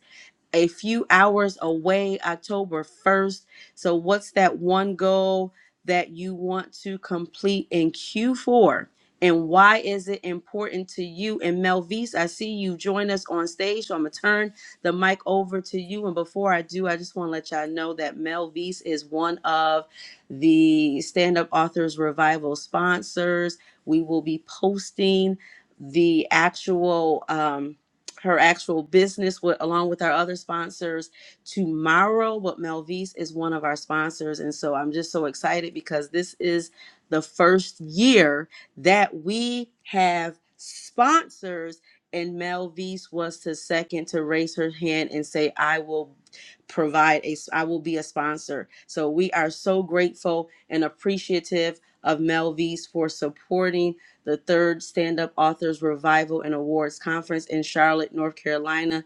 a few hours away, October 1st. So, what's that one goal that you want to complete in Q4? And why is it important to you? And Melvise, I see you join us on stage. So I'm going to turn the mic over to you. And before I do, I just want to let y'all know that Melvise is one of the Stand Up Authors Revival sponsors. We will be posting the actual um, her actual business with, along with our other sponsors tomorrow. But Melvise is one of our sponsors. And so I'm just so excited because this is the first year that we have sponsors. And Melvise was the second to raise her hand and say, I will provide a, I will be a sponsor. So we are so grateful and appreciative of Melvise for supporting the third Stand Up Authors Revival and Awards Conference in Charlotte, North Carolina.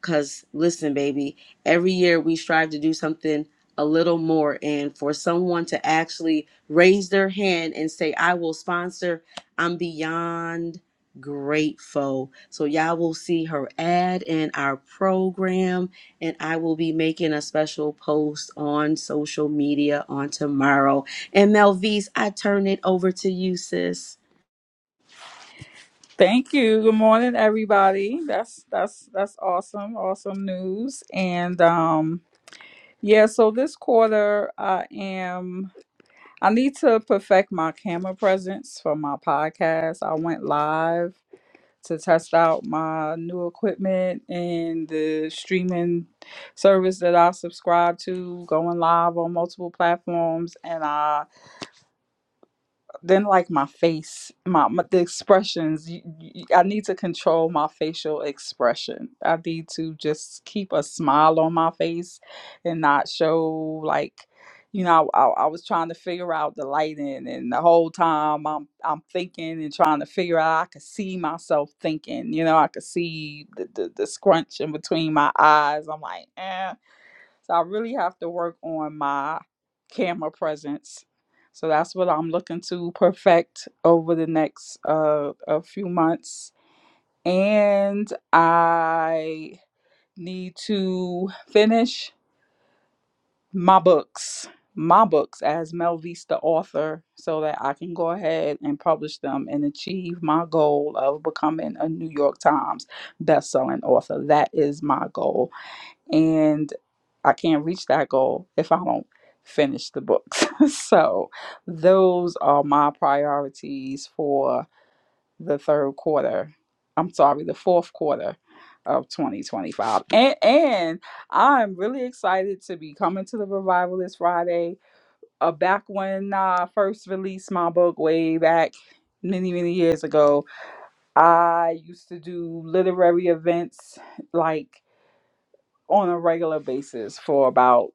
Because listen, baby, every year we strive to do something a little more. And for someone to actually raise their hand and say, I will sponsor, I'm beyond grateful. So y'all will see her ad in our program. And I will be making a special post on social media on tomorrow. And Melvise, I turn it over to you, sis.
Thank you. Good morning, everybody. That's that's that's awesome, awesome news. And um, yeah. So this quarter, I am. I need to perfect my camera presence for my podcast. I went live to test out my new equipment and the streaming service that I subscribe to, going live on multiple platforms, and I then like my face my, my the expressions you, you, i need to control my facial expression i need to just keep a smile on my face and not show like you know I, I was trying to figure out the lighting and the whole time i'm i'm thinking and trying to figure out i could see myself thinking you know i could see the the, the scrunch in between my eyes i'm like eh. So I really have to work on my camera presence. So that's what I'm looking to perfect over the next uh, a few months. And I need to finish my books, my books as Mel Vista author, so that I can go ahead and publish them and achieve my goal of becoming a New York Times bestselling author. That is my goal and I can't reach that goal if I don't finish the books. so, those are my priorities for the third quarter. I'm sorry, the fourth quarter of 2025. And and I'm really excited to be coming to the revival this Friday. Uh, back when I first released my book way back many many years ago, I used to do literary events like on a regular basis for about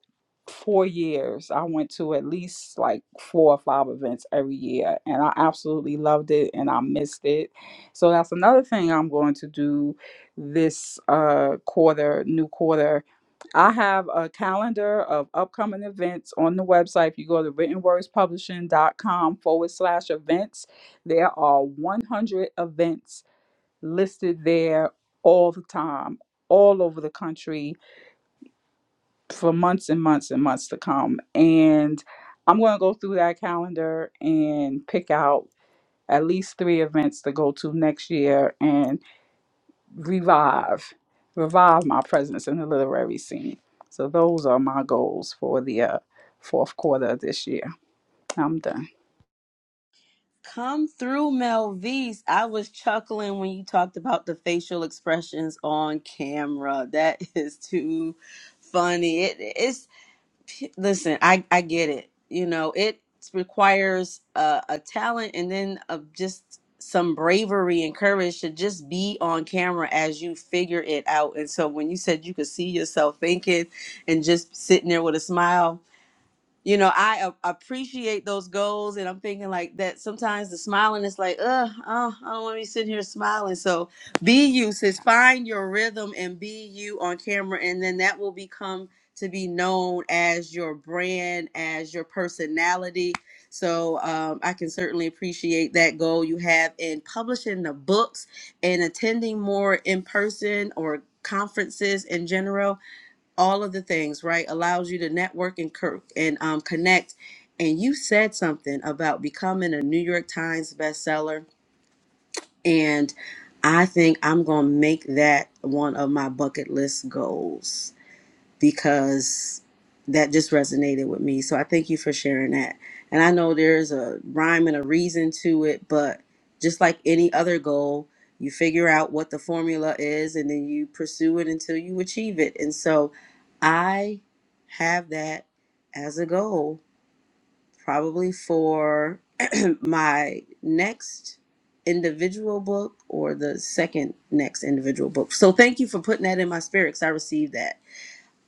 four years. I went to at least like four or five events every year, and I absolutely loved it and I missed it. So that's another thing I'm going to do this uh, quarter, new quarter. I have a calendar of upcoming events on the website. If you go to writtenwordspublishing.com forward slash events, there are 100 events listed there all the time, all over the country for months and months and months to come. And I'm going to go through that calendar and pick out at least three events to go to next year and revive, revive my presence in the literary scene. So those are my goals for the uh, fourth quarter of this year. I'm done.
Come through, Melvise. I was chuckling when you talked about the facial expressions on camera. That is too funny. It, it's listen. I I get it. You know, it requires uh, a talent and then uh, just some bravery and courage to just be on camera as you figure it out. And so when you said you could see yourself thinking and just sitting there with a smile, you know, I a- appreciate those goals, and I'm thinking like that. Sometimes the smiling is like, ugh, oh, I don't want to be sitting here smiling. So, be you. Says find your rhythm and be you on camera, and then that will become to be known as your brand, as your personality. So, um, I can certainly appreciate that goal you have in publishing the books and attending more in person or conferences in general all of the things, right? Allows you to network and cur- and um, connect. And you said something about becoming a New York Times bestseller, and I think I'm gonna make that one of my bucket list goals because that just resonated with me. So I thank you for sharing that. And I know there's a rhyme and a reason to it, but just like any other goal, you figure out what the formula is and then you pursue it until you achieve it. And so I have that as a goal, probably for my next individual book or the second next individual book. So thank you for putting that in my spirit because I received that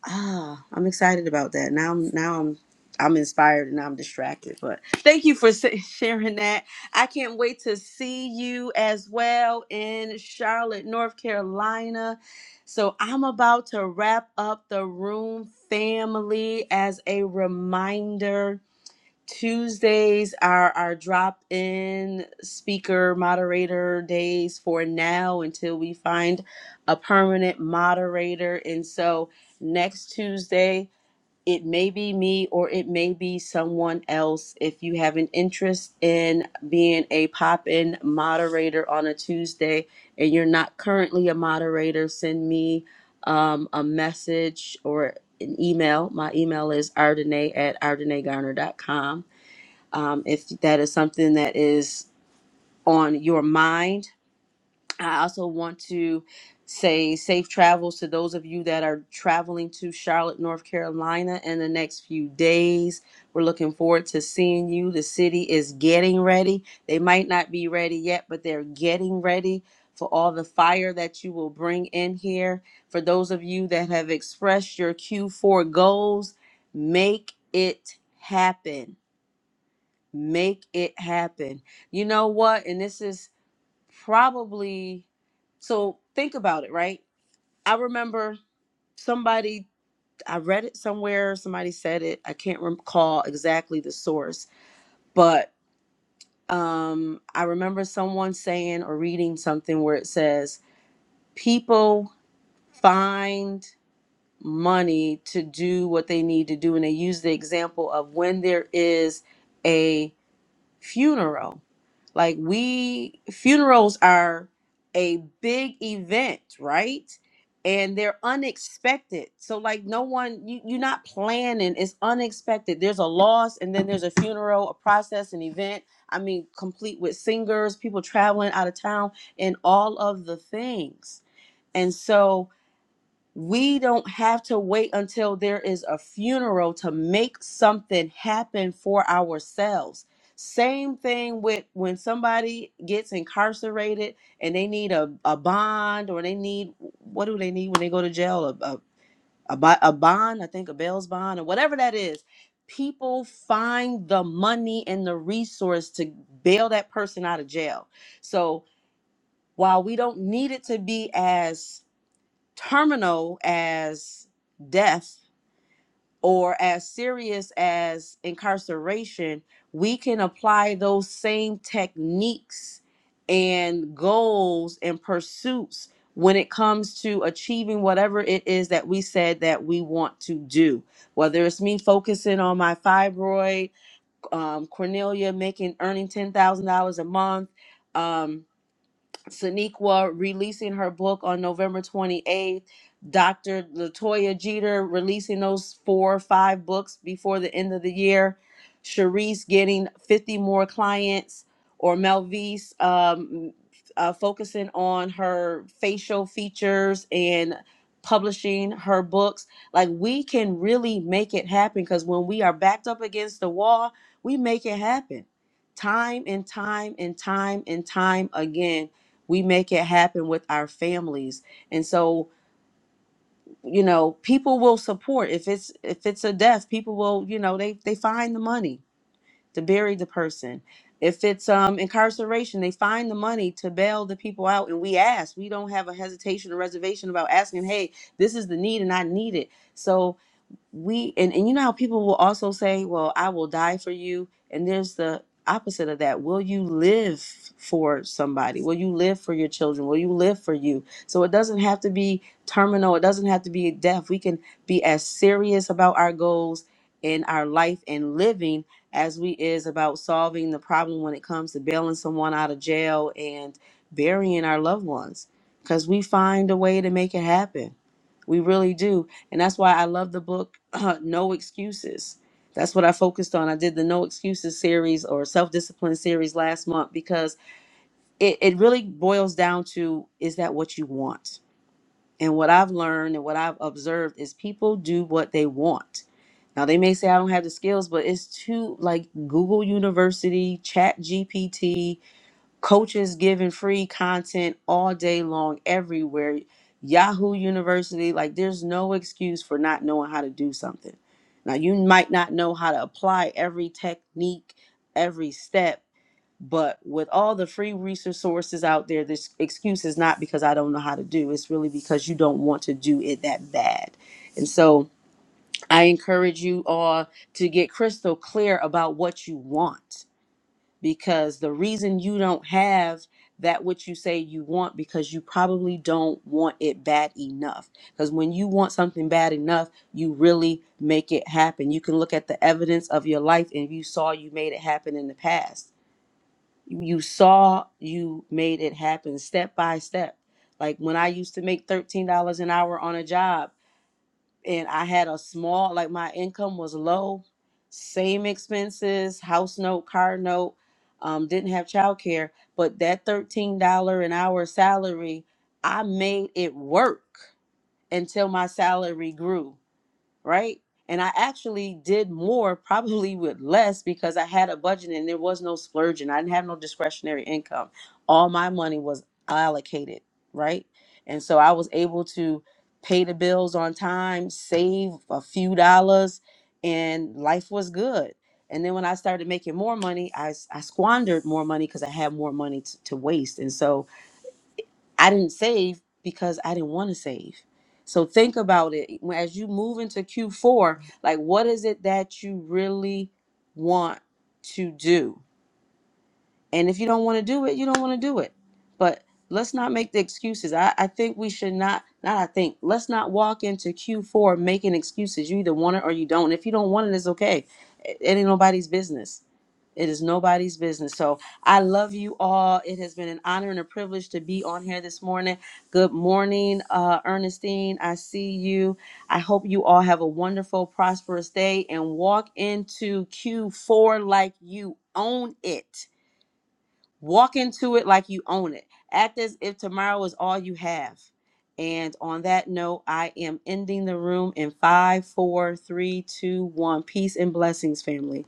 Ah, I'm excited about that. Now, I'm now I'm I'm inspired and I'm distracted. But thank you for sa- sharing that. I can't wait to see you as well in Charlotte, North Carolina. So I'm about to wrap up the room family as a reminder. Tuesdays are our drop in speaker moderator days for now until we find a permanent moderator. And so next Tuesday, it may be me or it may be someone else. If you have an interest in being a pop in moderator on a Tuesday and you're not currently a moderator, send me um, a message or an email. My email is ardenay at ardenaygarner dot com um, if that is something that is on your mind. I also want to say safe travels to those of you that are traveling to Charlotte, North Carolina in the next few days. We're looking forward to seeing you. The city is getting ready. They might not be ready yet, but they're getting ready for all the fire that you will bring in here. For those of you that have expressed your Q4 goals, make it happen Make it happen. You know what? And this is probably so think about it, right? I remember somebody I read it somewhere, somebody said it. I can't recall exactly the source, but um I remember someone saying or reading something where it says people find money to do what they need to do and they use the example of when there is a funeral. Like we funerals are a big event, right? And they're unexpected. So like no one you, you're not planning. It's unexpected. There's a loss and then there's a funeral, a process, an event. I mean, complete with singers, people traveling out of town, and all of the things. And so we don't have to wait until there is a funeral to make something happen for ourselves. Same thing with when somebody gets incarcerated and they need a, a bond or they need what do they need when they go to jail? A, a, a, bo- a bond, I think a bail's bond or whatever that is. People find the money and the resource to bail that person out of jail. So while we don't need it to be as terminal as death or as serious as incarceration, we can apply those same techniques and goals and pursuits when it comes to achieving whatever it is that we said that we want to do. Whether it's me focusing on my fibroid, um, Cornelia making earning ten thousand dollars a month. um, Sonequa releasing her book on November 28th, Dr. Latoya Jeter releasing those four or five books before the end of the year, Sharice getting 50 more clients, or Melvise um, uh, focusing on her facial features and publishing her books. Like we can really make it happen because when we are backed up against the wall, we make it happen time and time and time and time again we make it happen with our families and so you know people will support if it's if it's a death people will you know they they find the money to bury the person if it's um incarceration they find the money to bail the people out and we ask we don't have a hesitation or reservation about asking hey this is the need and i need it so we and, and you know how people will also say well i will die for you and there's the opposite of that will you live for somebody will you live for your children will you live for you so it doesn't have to be terminal it doesn't have to be death we can be as serious about our goals in our life and living as we is about solving the problem when it comes to bailing someone out of jail and burying our loved ones because we find a way to make it happen we really do. And that's why I love the book, No Excuses. That's what I focused on. I did the No Excuses series or self discipline series last month because it, it really boils down to is that what you want? And what I've learned and what I've observed is people do what they want. Now they may say I don't have the skills, but it's too like Google University, Chat GPT, coaches giving free content all day long everywhere yahoo university like there's no excuse for not knowing how to do something now you might not know how to apply every technique every step but with all the free resources out there this excuse is not because i don't know how to do it's really because you don't want to do it that bad and so i encourage you all to get crystal clear about what you want because the reason you don't have that which you say you want because you probably don't want it bad enough because when you want something bad enough you really make it happen you can look at the evidence of your life and you saw you made it happen in the past you saw you made it happen step by step like when i used to make $13 an hour on a job and I had a small, like my income was low, same expenses, house note, car note, um, didn't have childcare, but that $13 an hour salary, I made it work until my salary grew right? And I actually did more, probably with less, because I had a budget and there was no splurging. I didn't have no discretionary income. All my money was allocated, right? And so I was able to pay the bills on time, save a few dollars, and life was good. And then when I started making more money, I, s- I squandered more money because I had more money t- to waste. And so I didn't save because I didn't want to save. So think about it When- as you move into Q4, like what is it that you really want to do? And if you don't want to do it, you don't want to do it. But let's not make the excuses. I, I think we should not, not I think, let's not walk into Q4 making excuses. You either want it or you don't. If you don't want it, it's okay. It, it ain't nobody's business it is nobody's business. So I love you all. It has been an honor and a privilege to be on here this morning. Good morning, uh, Ernestine. I see you. I hope you all have a wonderful, prosperous day and walk into Q4 like you own it. Walk into it like you own it. Act as if tomorrow is all you have. And on that note, I am ending the room in five, four, three, two, one. Peace and blessings, family.